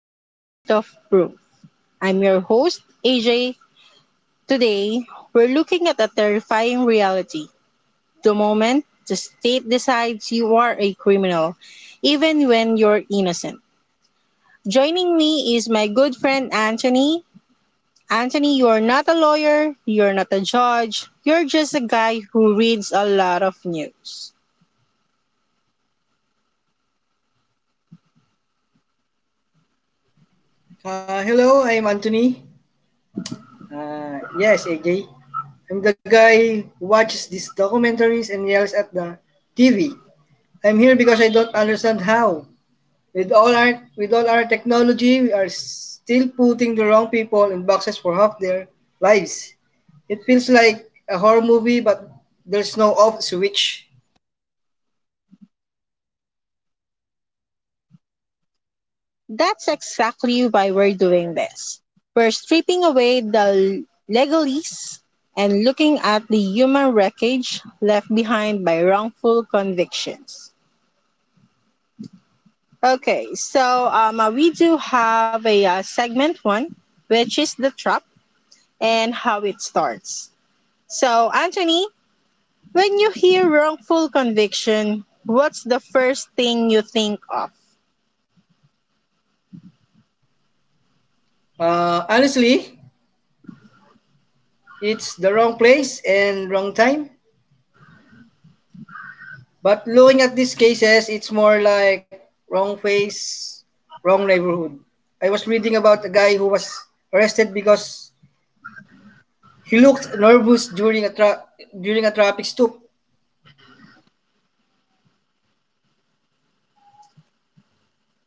to The Weight of Proof. I'm your host, AJ. Today, we're looking at a terrifying reality the moment the state decides you are a criminal, even when you're innocent. Joining me is my good friend Anthony. Anthony, you're not a lawyer, you're not a judge, you're just a guy who reads a lot of news. Hello, I'm Anthony. Yes, AJ. I'm the guy who watches these documentaries and yells at the TV. I'm here because I don't understand how. With all our technology, we are still putting the wrong people in boxes for half their lives. It feels like a horror movie, but there's no off switch. That's exactly why we're doing this. We're stripping away the legalese and looking at the human wreckage left behind by wrongful convictions. Okay, so we do have a segment one, which is the trap and how it starts. So, Anthony, when you hear wrongful conviction, what's the first thing you think of? Honestly, it's the wrong place and wrong time. But looking at these cases, it's more like wrong face, wrong neighborhood. I was reading about a guy who was arrested because he looked nervous during a during a traffic stop.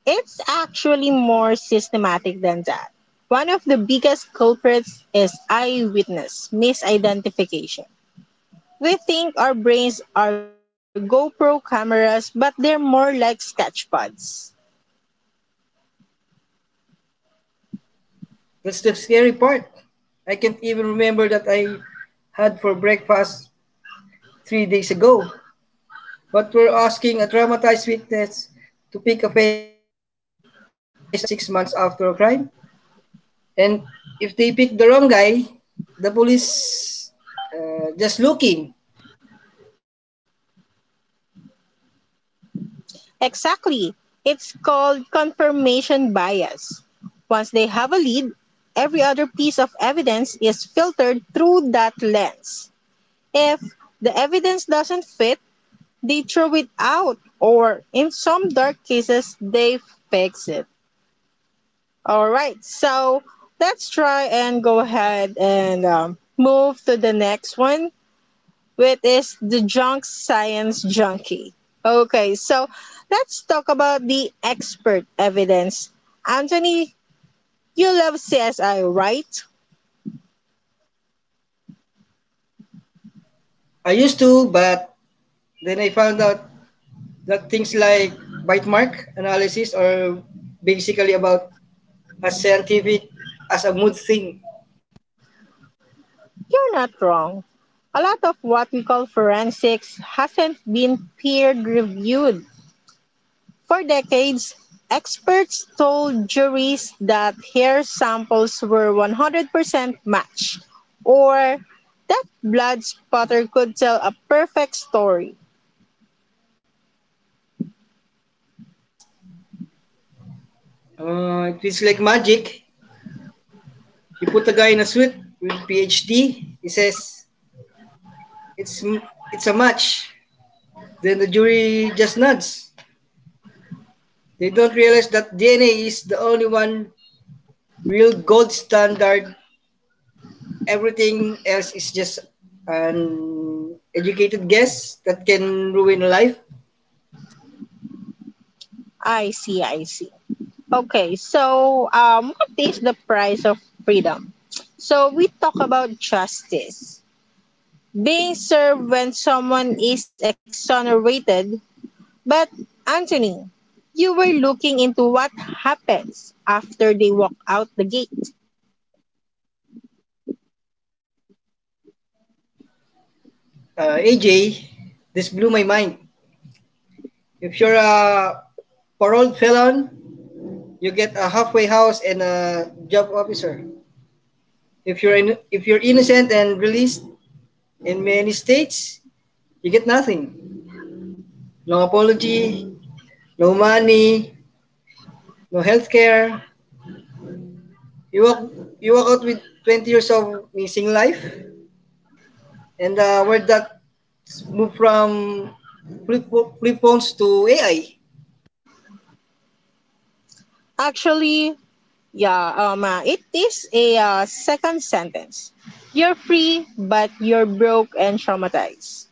It's actually more systematic than that. One of the biggest culprits is eyewitness misidentification. We think our brains are GoPro cameras, but they're more like sketch pads. That's the scary part. I can't even remember that I had for breakfast three days ago. But we're asking a traumatized witness to pick a face out of a lineup six months after a crime. And if they pick the wrong guy, the police just looking. Exactly. It's called confirmation bias. Once they have a lead, every other piece of evidence is filtered through that lens. If the evidence doesn't fit, they throw it out, or in some dark cases, they fix it. All right, so let's try and go ahead and move to the next one, which is the junk science junkie. Okay, so let's talk about the expert evidence. Anthony, you love CSI, right? I used to, but then I found out that things like bite mark analysis are basically about as scientific as a mood thing. You're not wrong. A lot of what we call forensics hasn't been peer reviewed. For decades, experts told juries that hair samples were 100% match, or that blood spatter could tell a perfect story. It feels like magic. You put a guy in a suit with PhD. He says it's it's a match. Then the jury just nods. They don't realize that DNA is the only one real gold standard. Everything else is just an educated guess that can ruin a life. I see, I see. Okay, so what is the price of freedom? So we talk about justice being served when someone is exonerated. But Anthony, you were looking into what happens after they walk out the gate. AJ, this blew my mind. If you're a paroled felon, you get a halfway house and a job officer. If you're innocent and released in many states, you get nothing. No apology, no money, no healthcare. You walk you walk out with twenty years of missing life, and where that move from flip, flip phones to AI. Actually, yeah, it is a second sentence. You're free, but you're broke and traumatized.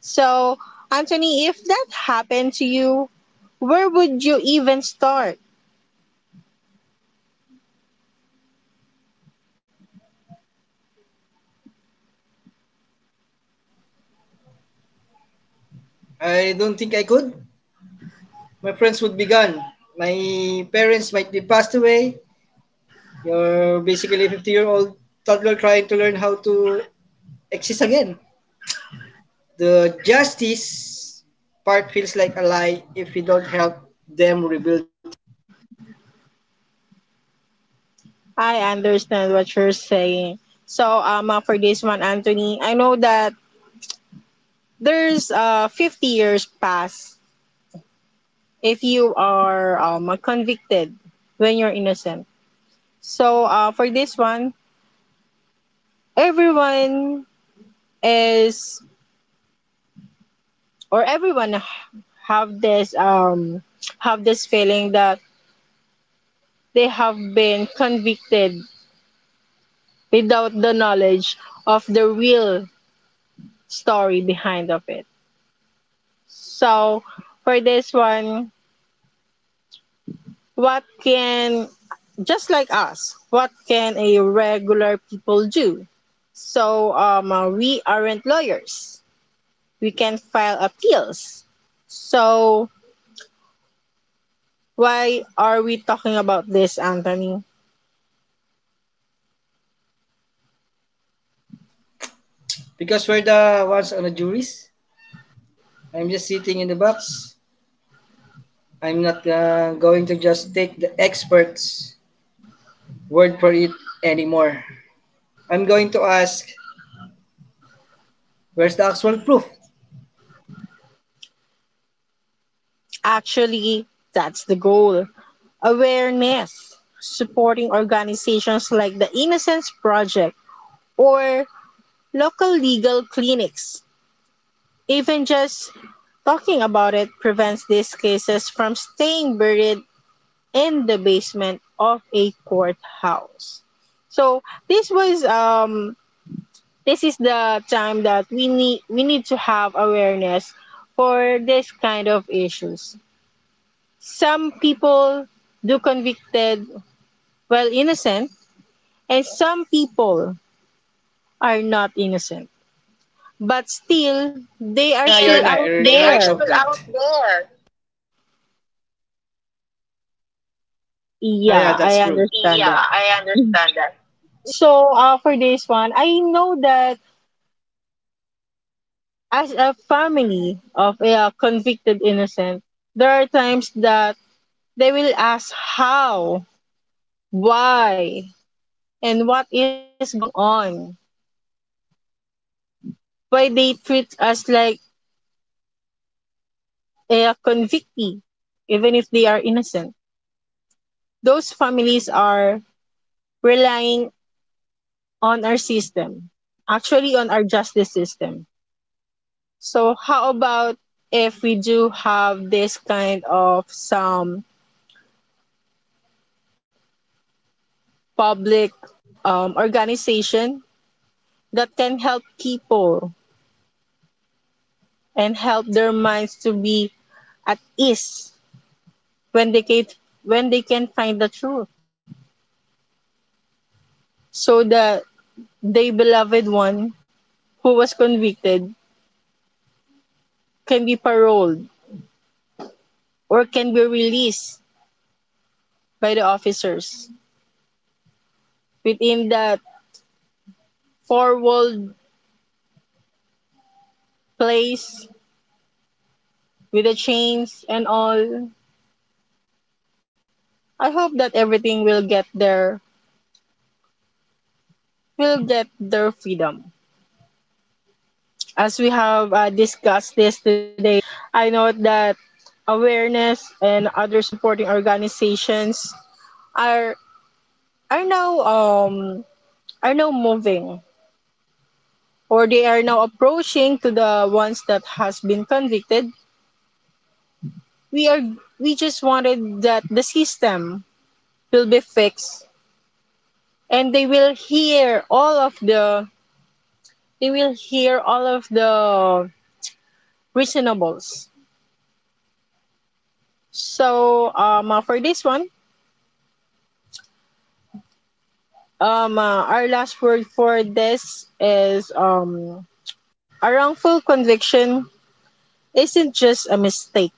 So, Anthony, if that happened to you, where would you even start? I don't think I could. My friends would be gone. My parents might be passed away. You're basically a 50 year old toddler trying to learn how to exist again. The justice part feels like a lie if we don't help them rebuild. I understand what you're saying. So, for this one, Anthony, I know that there's 50 years pass if you are convicted when you're innocent. So, for this one, everyone is or have this have this feeling that they have been convicted without the knowledge of the real story behind of it. So for this one, what can, just like us, what can a regular people do? So we aren't lawyers. We can file appeals. So why are we talking about this, Anthony? Because we're the ones on the juries. I'm just sitting in the box. I'm not going to just take the experts' word for it anymore. I'm going to ask, where's the actual proof? Actually, that's the goal, awareness, supporting organizations like the Innocence Project or local legal clinics. Even just talking about it prevents these cases from staying buried in the basement of a courthouse. So this was um this is the time that we need to have awareness for this kind of issues. Some people do convicted well innocent and some people are not innocent but still But they still, are yeah, still you're not- out you're- they you're are right, there. still out there. Yeah, yeah, Yeah, I that's true. understand Yeah, that. I understand that. So for this one, I know that as a family of a convicted innocent, there are times that they will ask how, why, and what is going on, why they treat us like a convictee even if they are innocent. Those families are relying on our system, actually on our justice system. So how about if we do have this kind of some public organization that can help people and help their minds to be at ease when they can, when they can find the truth, so that their beloved one who was convicted can be paroled or can be released by the officers within that four wall place with the chains and all. I hope that everything will get their freedom. As we have discussed this today, I know that awareness and other supporting organizations are are now um are now moving or they are now approaching to the ones that has been convicted. We are we just wanted that the system will be fixed and they will hear all of the, you will hear all of the reasonables. So, for this one, our last word for this is, a wrongful conviction isn't just a mistake,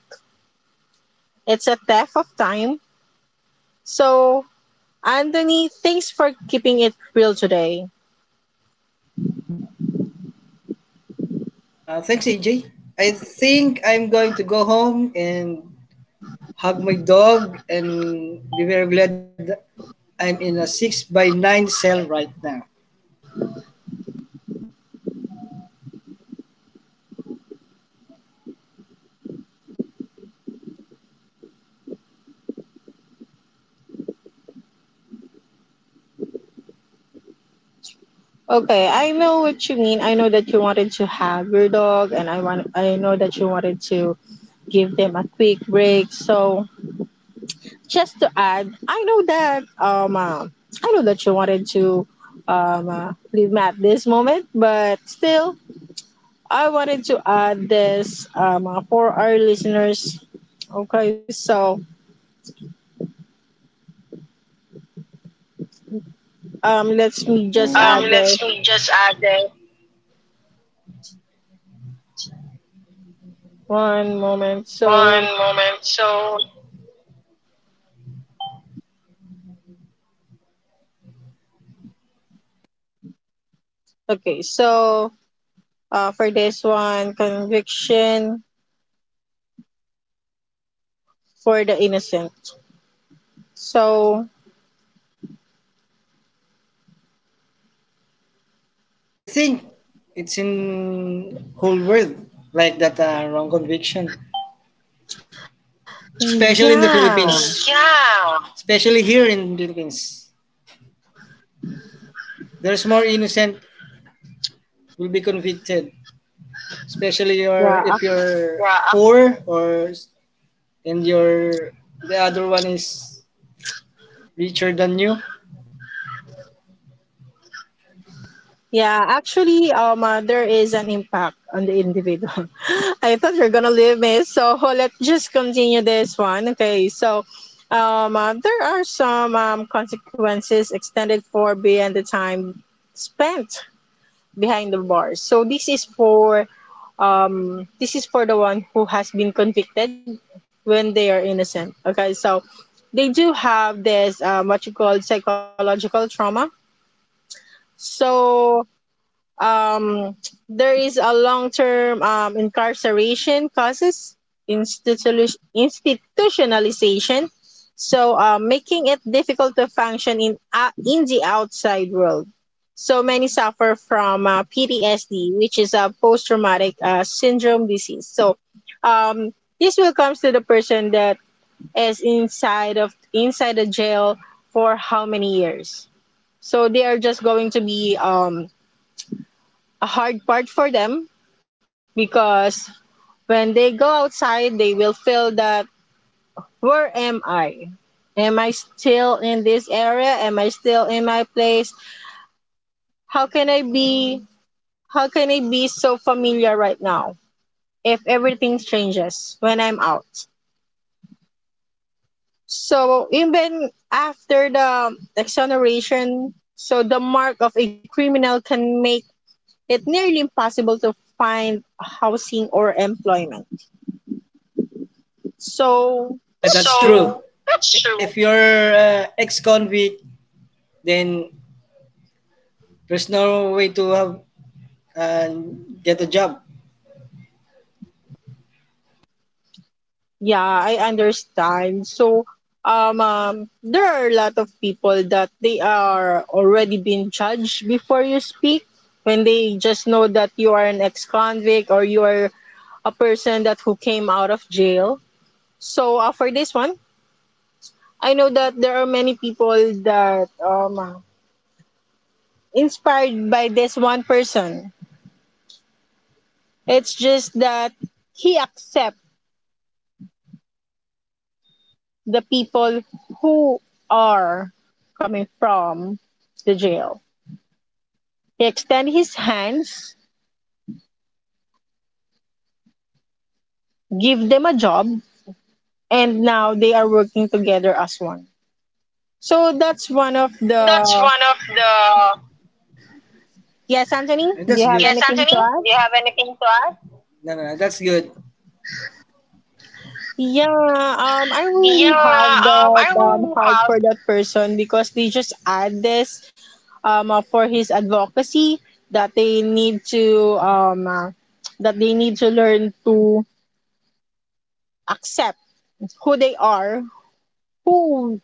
it's a theft of time. So, Anthony, thanks for keeping it real today. Thanks, AJ. I think I'm going to go home and hug my dog and be very glad that I'm in a six by nine cell right now. Okay, I know what you mean. I know that you wanted to have your dog, and I want. I know that you wanted to give them a quick break. So just to add, I know that you wanted to leave me at this moment, but still, I wanted to add this for our listeners. Okay, so let's me just add this Let's just add that one moment. So one moment. So, okay, so for this one, conviction for the innocent. So I think it's in whole world like that wrong conviction, especially in the yeah, Philippines, yeah. Especially here in Philippines. There's more innocent will be convicted, especially your if yeah. you're, yeah, poor, or and your the other one is richer than you. Yeah, actually, there is an impact on the individual. I thought you're gonna leave me, so let's just continue this one. Okay, so there are some consequences extended for beyond the time spent behind the bars. So this is for the one who has been convicted when they are innocent. Okay, so they do have this what you call psychological trauma. So um, there is a long-term incarceration causes institution institutionalization, so making it difficult to function in the outside world. So many suffer from PTSD, which is a post-traumatic syndrome disease. So um, this will come to the person that is inside the jail for how many years. So they are just going to be a hard part for them because when they go outside, they will feel that, where am I? Am I still in this area? Am I still in my place? How can I be how can I be so familiar right now if everything changes when I'm out? So even after the exoneration, so the mark of a criminal can make it nearly impossible to find housing or employment. So Yeah, yeah, that's that's so true. true. So true. If you're ex-convict, then there's no way to have uh, get a job. Yeah, I understand. So um, um there are a lot of people that they are already being judged before you speak when they just know that you are an ex-convict or you are a person that who came out of jail. So for this one, I know that there are many people that inspired by this one person. It's just that he accept the people who are coming from the jail. He extend his hands, give them a job, and now they are working together as one. So that's one of So yeah, that's the, one of the. yes, Anthony. Do That's you good. have Yes, anything Anthony, to do you add? have anything to add? No, no, that's good. Yeah, I really Yeah, have I that really have. heart for that person because they just add this for his advocacy that they need to that they need to learn to accept who they are, who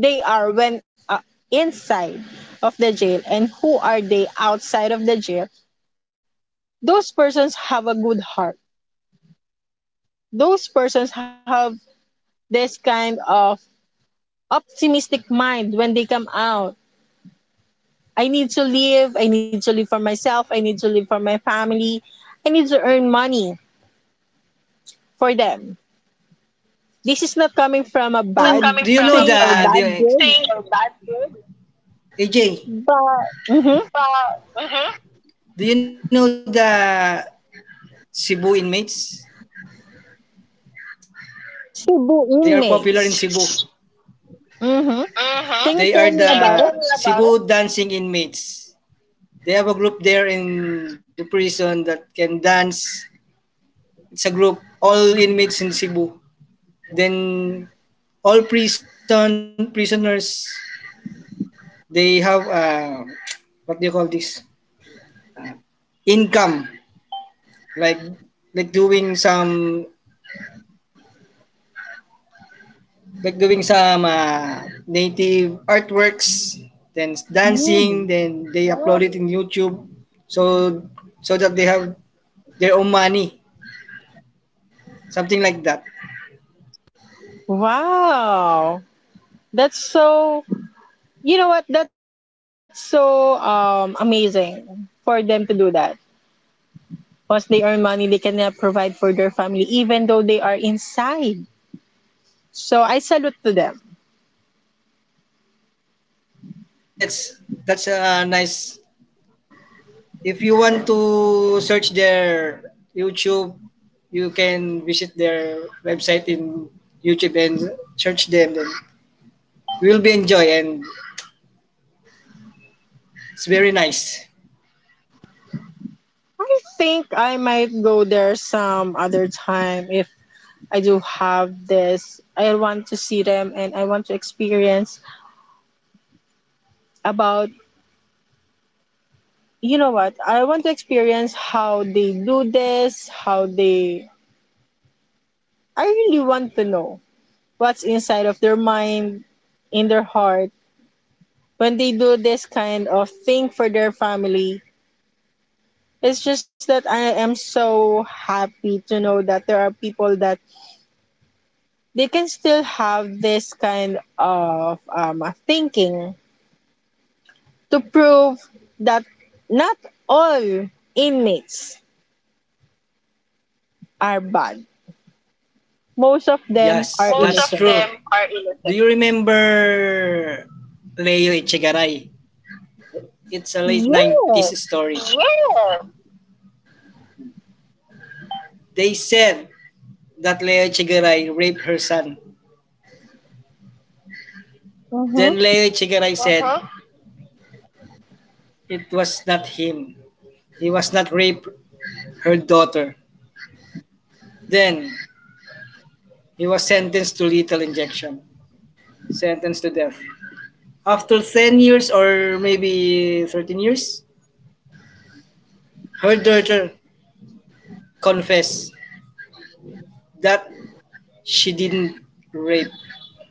they are when inside of the jail, and who are they outside of the jail. Those persons have a good heart. Those persons have this kind of optimistic mind when they come out. I need to live. I need to live for myself. I need to live for my family. I need to earn money for them. This is not coming from a This is not, you bad coming do you from know, a the thing or bad the bad ex- deed. thing or bad good. AJ? Mm-hmm. Pa, mhm. Do you know the Cebu inmates? Cebu They are popular in inmates. Cebu. Mm-hmm. Mhm. They Can are you the tell me Cebu dancing inmates. They have a group there in the prison that can dance. It's a group, all inmates in Cebu. Then all prisoners, they have what do you call this? Income, like like doing some like doing some native artworks, then dancing, about? then they upload it in YouTube, so so that they have their own money, something like that. Wow. That's so, you know what? That's so amazing for them to do that. Once they earn money, they can provide for their family, even though they are inside. So I salute to them. Yes, that's that's nice. If you want to search their YouTube, you can visit their website in YouTube and search them. Then you will be enjoy and it's very nice. I think I might go there some other time if I do have this. I want to see them and I want to experience about, you know what? I want to experience how they do this, how they, I really want to know what's inside of their mind, in their heart, when they do this kind of thing for their family. It's just that I am so happy to know that there are people that they can still have this kind of thinking to prove that not all inmates are bad. Most of them Yes, are Most that's of true. innocent. Them are innocent. Do innocent. You remember Leo Echegaray? It's a late 90s Yes. story. Yes. They said that Leo Echegaray raped her son. Then Mm-hmm. Leo Echegaray said, uh-huh, it was not him. He was not raped her daughter. Then he was sentenced to lethal injection, sentenced to death. After ten years or maybe thirteen years, her daughter confessed that she didn't rape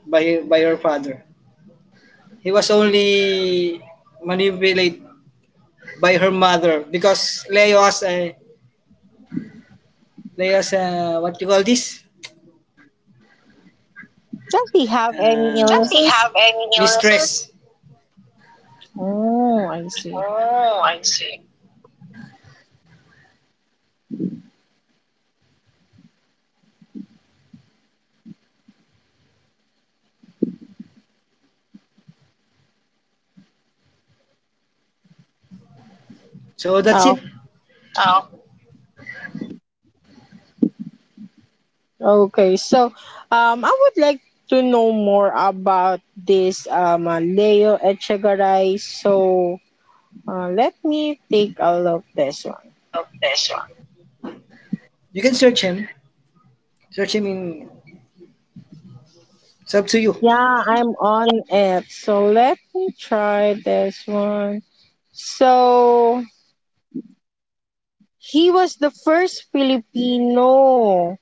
by her father. He was only manipulated by her mother because Leo has a, what you call this? Does he have any Does he illnesses? have any mistress. Oh, I see. Oh, I see. So that's Oh. it. Oh, Okay, so I would like to know more about this Leo Echegaray. So let me take a look this one. I love this one. You can search him. Search him in. It's up to you. Yeah, I'm on it. So let me try this one. So he was the first Filipino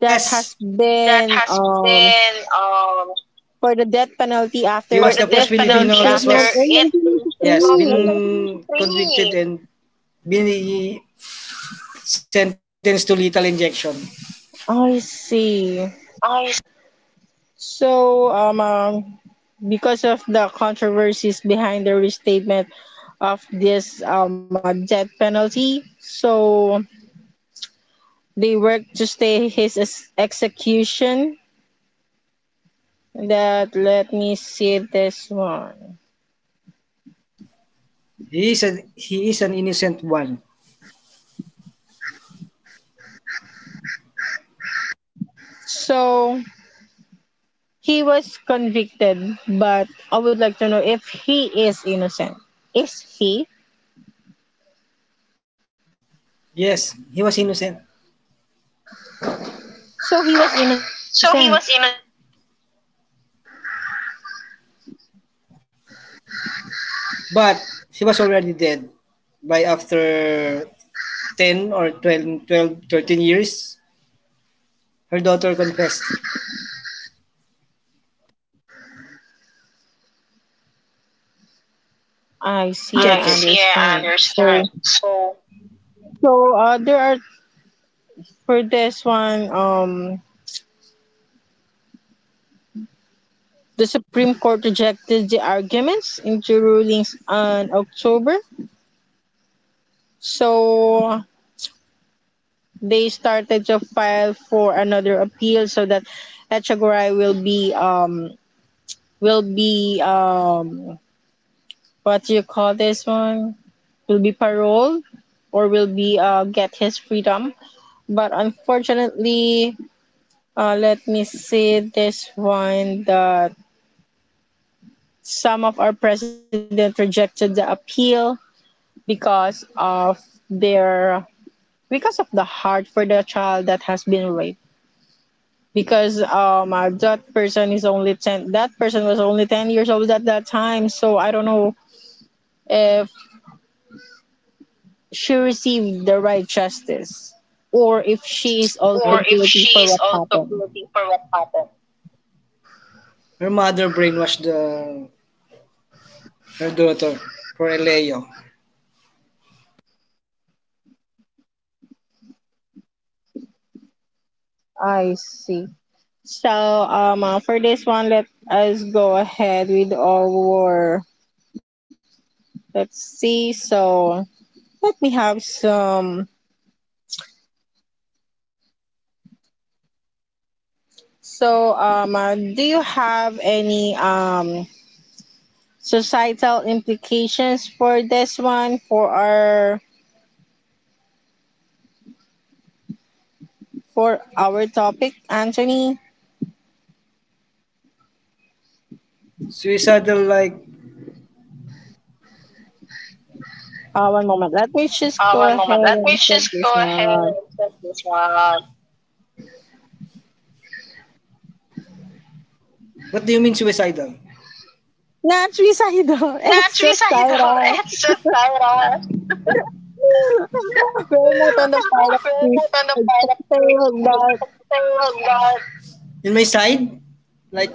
that has that been has been um. for the death penalty He was the after first its Filipino that was, reinstatement in yes, so been 1983. convicted and bini sentenced to lethal injection. I see. Okay. So, because of the controversies behind the restatement of this death penalty, so they worked to stay his execution. That let me see this one. He is, a, he is an innocent one. So he was convicted, but I would like to know if he is innocent. Is he? Yes, he was innocent. So he was innocent. So he was innocent. But he was already dead by after ten or twelve, thirteen years. Her daughter confessed. I see. You can I check I it. See, understand. I So understand. So, so uh, there are for this one. The Supreme Court rejected the arguments in two rulings on October. So they started to file for another appeal so that Echagoray will be will be what do you call this one? Will be paroled or will be get his freedom. But unfortunately, let me see this one that some of our president rejected the appeal because of their because of the heart for the child that has been raped because that person was only 10 years old at that time, so I don't know if she received the right justice, or if she yes. is Or also her, if guilty she for is what also happened. guilty for what happened. Her mother brainwashed her daughter for Eleo. I see. So for this one, let us go ahead with our let's see so let me have some So, do you have any societal implications for this one for our topic, Anthony? Suicidal like. One moment. Let me just go One ahead moment. Let me and check just this go ahead one. and check this one. What do you mean suicidal? Not suicidal. It's Not suicidal. societal. It's just Cyrus. We're We're not on the pilot seat. not on the pilot seat. Something like that. Oh, God. In my side? Like,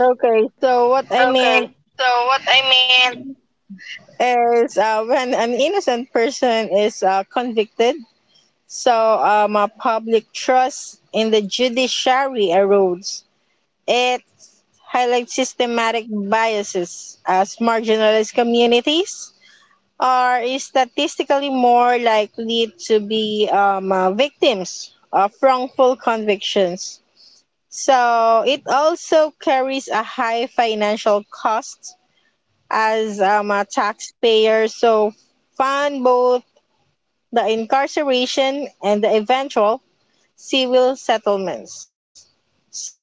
Okay, so what I meant okay, so what I meant, is when an innocent person is convicted. So public trust in the judiciary erodes. It highlights systematic biases as marginalized communities are statistically more likely to be victims of wrongful convictions. So it also carries a high financial cost as a taxpayer. So fund both the incarceration and the eventual civil settlements. So,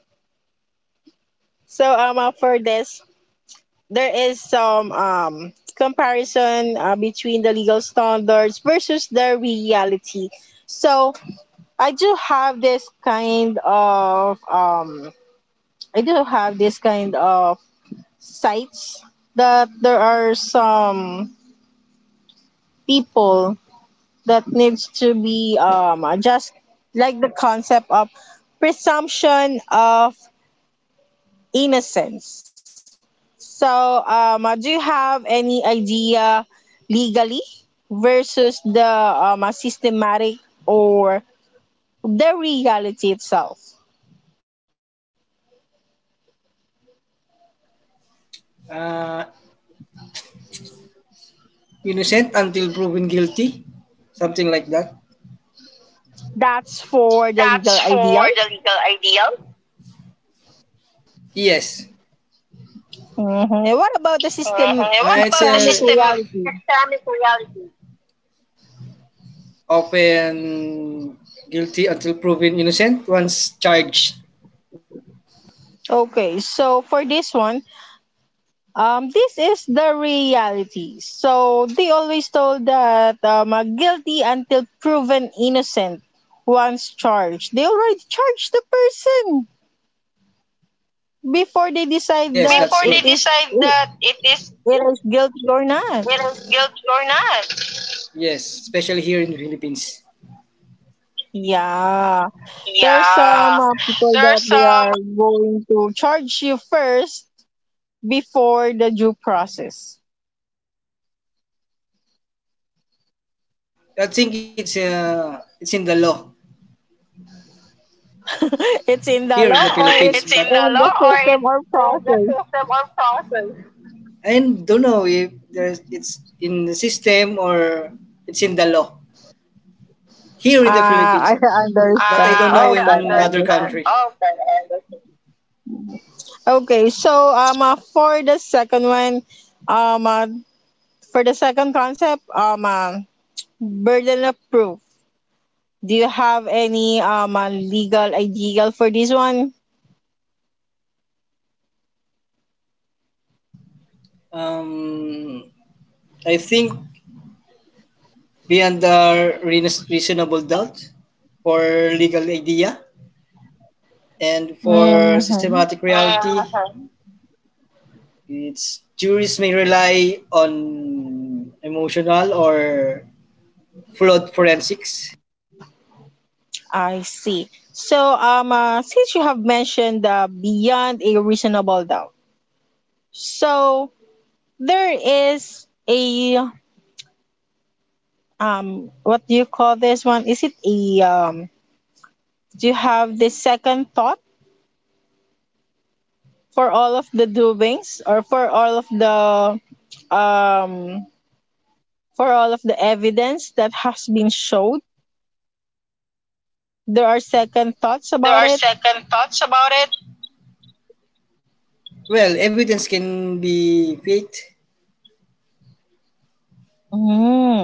for this, there is some comparison between the legal standards versus the reality. So, I do have this kind of I do have this kind of sites that there are some people that needs to be just like the concept of presumption of innocence. So, do you have any idea legally versus the systematic or the reality itself? uh, innocent until proven guilty? Something like that? That's for the That's legal for ideal. the legal ideal. Yes. And what about the Hmm. And what Right, about the systemic system, reality? systemic reality? Often guilty until proven innocent once charged. Okay, so for this one, this is the reality. So they always told that guilty until proven innocent once charged. They already charged the person before they decide Yes, Before that that's true. it Before they is decide it that it is is guilty or not. whether guilty or not. Yes, especially here in the Philippines. Yeah, there are Yeah. some people There are that they some. Are going to charge you first before the due process. I think it's in the law It's in the here in law the or Philippines. it's It's in in the the law or system or it's in the process. system or process. I don't know if there's it's in the system or it's in the law here in the Ah, Philippines, I sir. But I understand. don't know. Ah, Okay, in I other country. understand. Okay, I understand. Okay, so for the second one, um, uh, for the second concept, burden of proof. Do you have any legal ideal for this one? Um, I think beyond a reasonable doubt for legal idea, and for Mm-hmm. systematic reality, uh-huh, it's juries may rely on emotional or flawed forensics. I see. So since you have mentioned beyond a reasonable doubt, so there is a what do you call this one? Is it a um do you have this second thought for all of the doings or for all of the um for all of the evidence that has been showed, there are second thoughts There about are it. second thoughts about it. Well, evidence can be faked. Mm.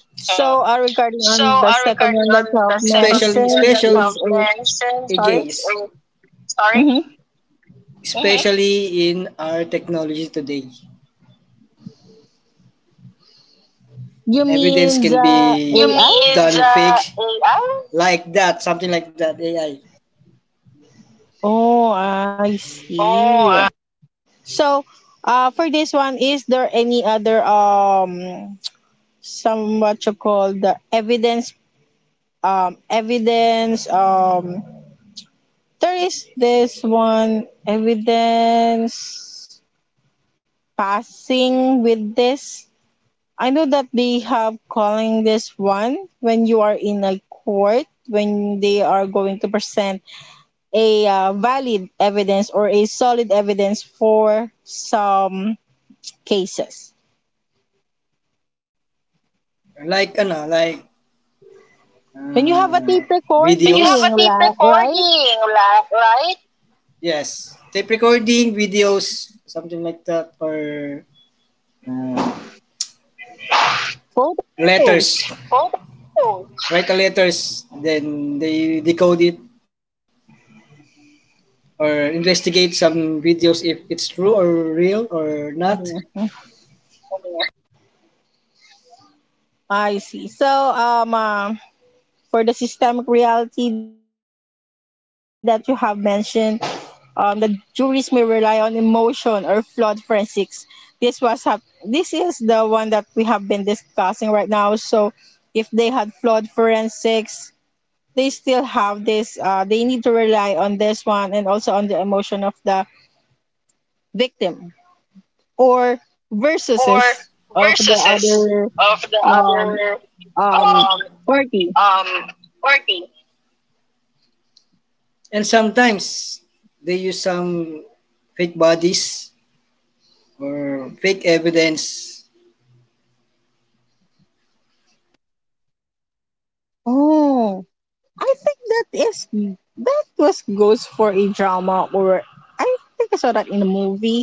So Uh, regarding on the second regarding one that on you the have second Especially- person mentioned, especially, of it's a mention, sorry AJs. Sorry? hmm. Especially in our technology today. You Evidence mean can the be You AI? mean done the fake. AI? Like that, something like that, AI. Oh, I see. Oh, ah. So for this one, is there any other some what you call the evidence. There is this one evidence passing with this. I know that they have calling this one when you are in a court, when they are going to present a valid evidence or a solid evidence for some cases. Like ano, like When you have a uh, tape But you have videos, recording, a la- right? Right? Yes, tape recording, videos, something like that, or uh, Photos. letters. Oh, write the letters, then they decode it or investigate some videos if it's true or real or not. I see. So for the systemic reality that you have mentioned, the juries may rely on emotion or flawed forensics. This was hap- this is the one that we have been discussing right now. So if they had flawed forensics, they still have this. They need to rely on this one and also on the emotion of the victim or versuses Or of the other versuses of the um, other um, um, party. um, party. And sometimes they use some fake bodies or fake evidence, Oh, I think that is that was goes for a drama, or I think I saw that in a movie.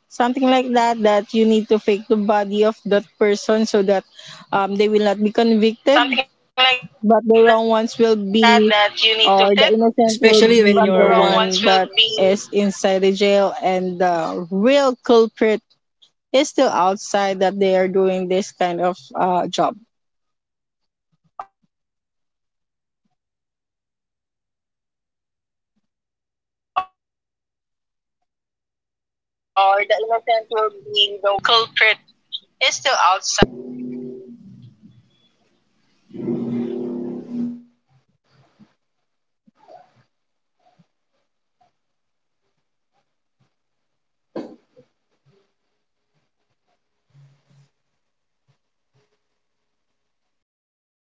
Something like that, that you something need to like fake the that body you of need to that fake the person so body of that that person they will so not that be convicted, they will not be but convicted. the wrong ones will Especially when but the you're be, wrong you're ones will or the be, innocent will or be the the innocent one will that be the is one inside the that jail is and inside the the jail real and culprit the real is still culprit outside that they is are still doing this outside kind that of they are doing job. this kind of job.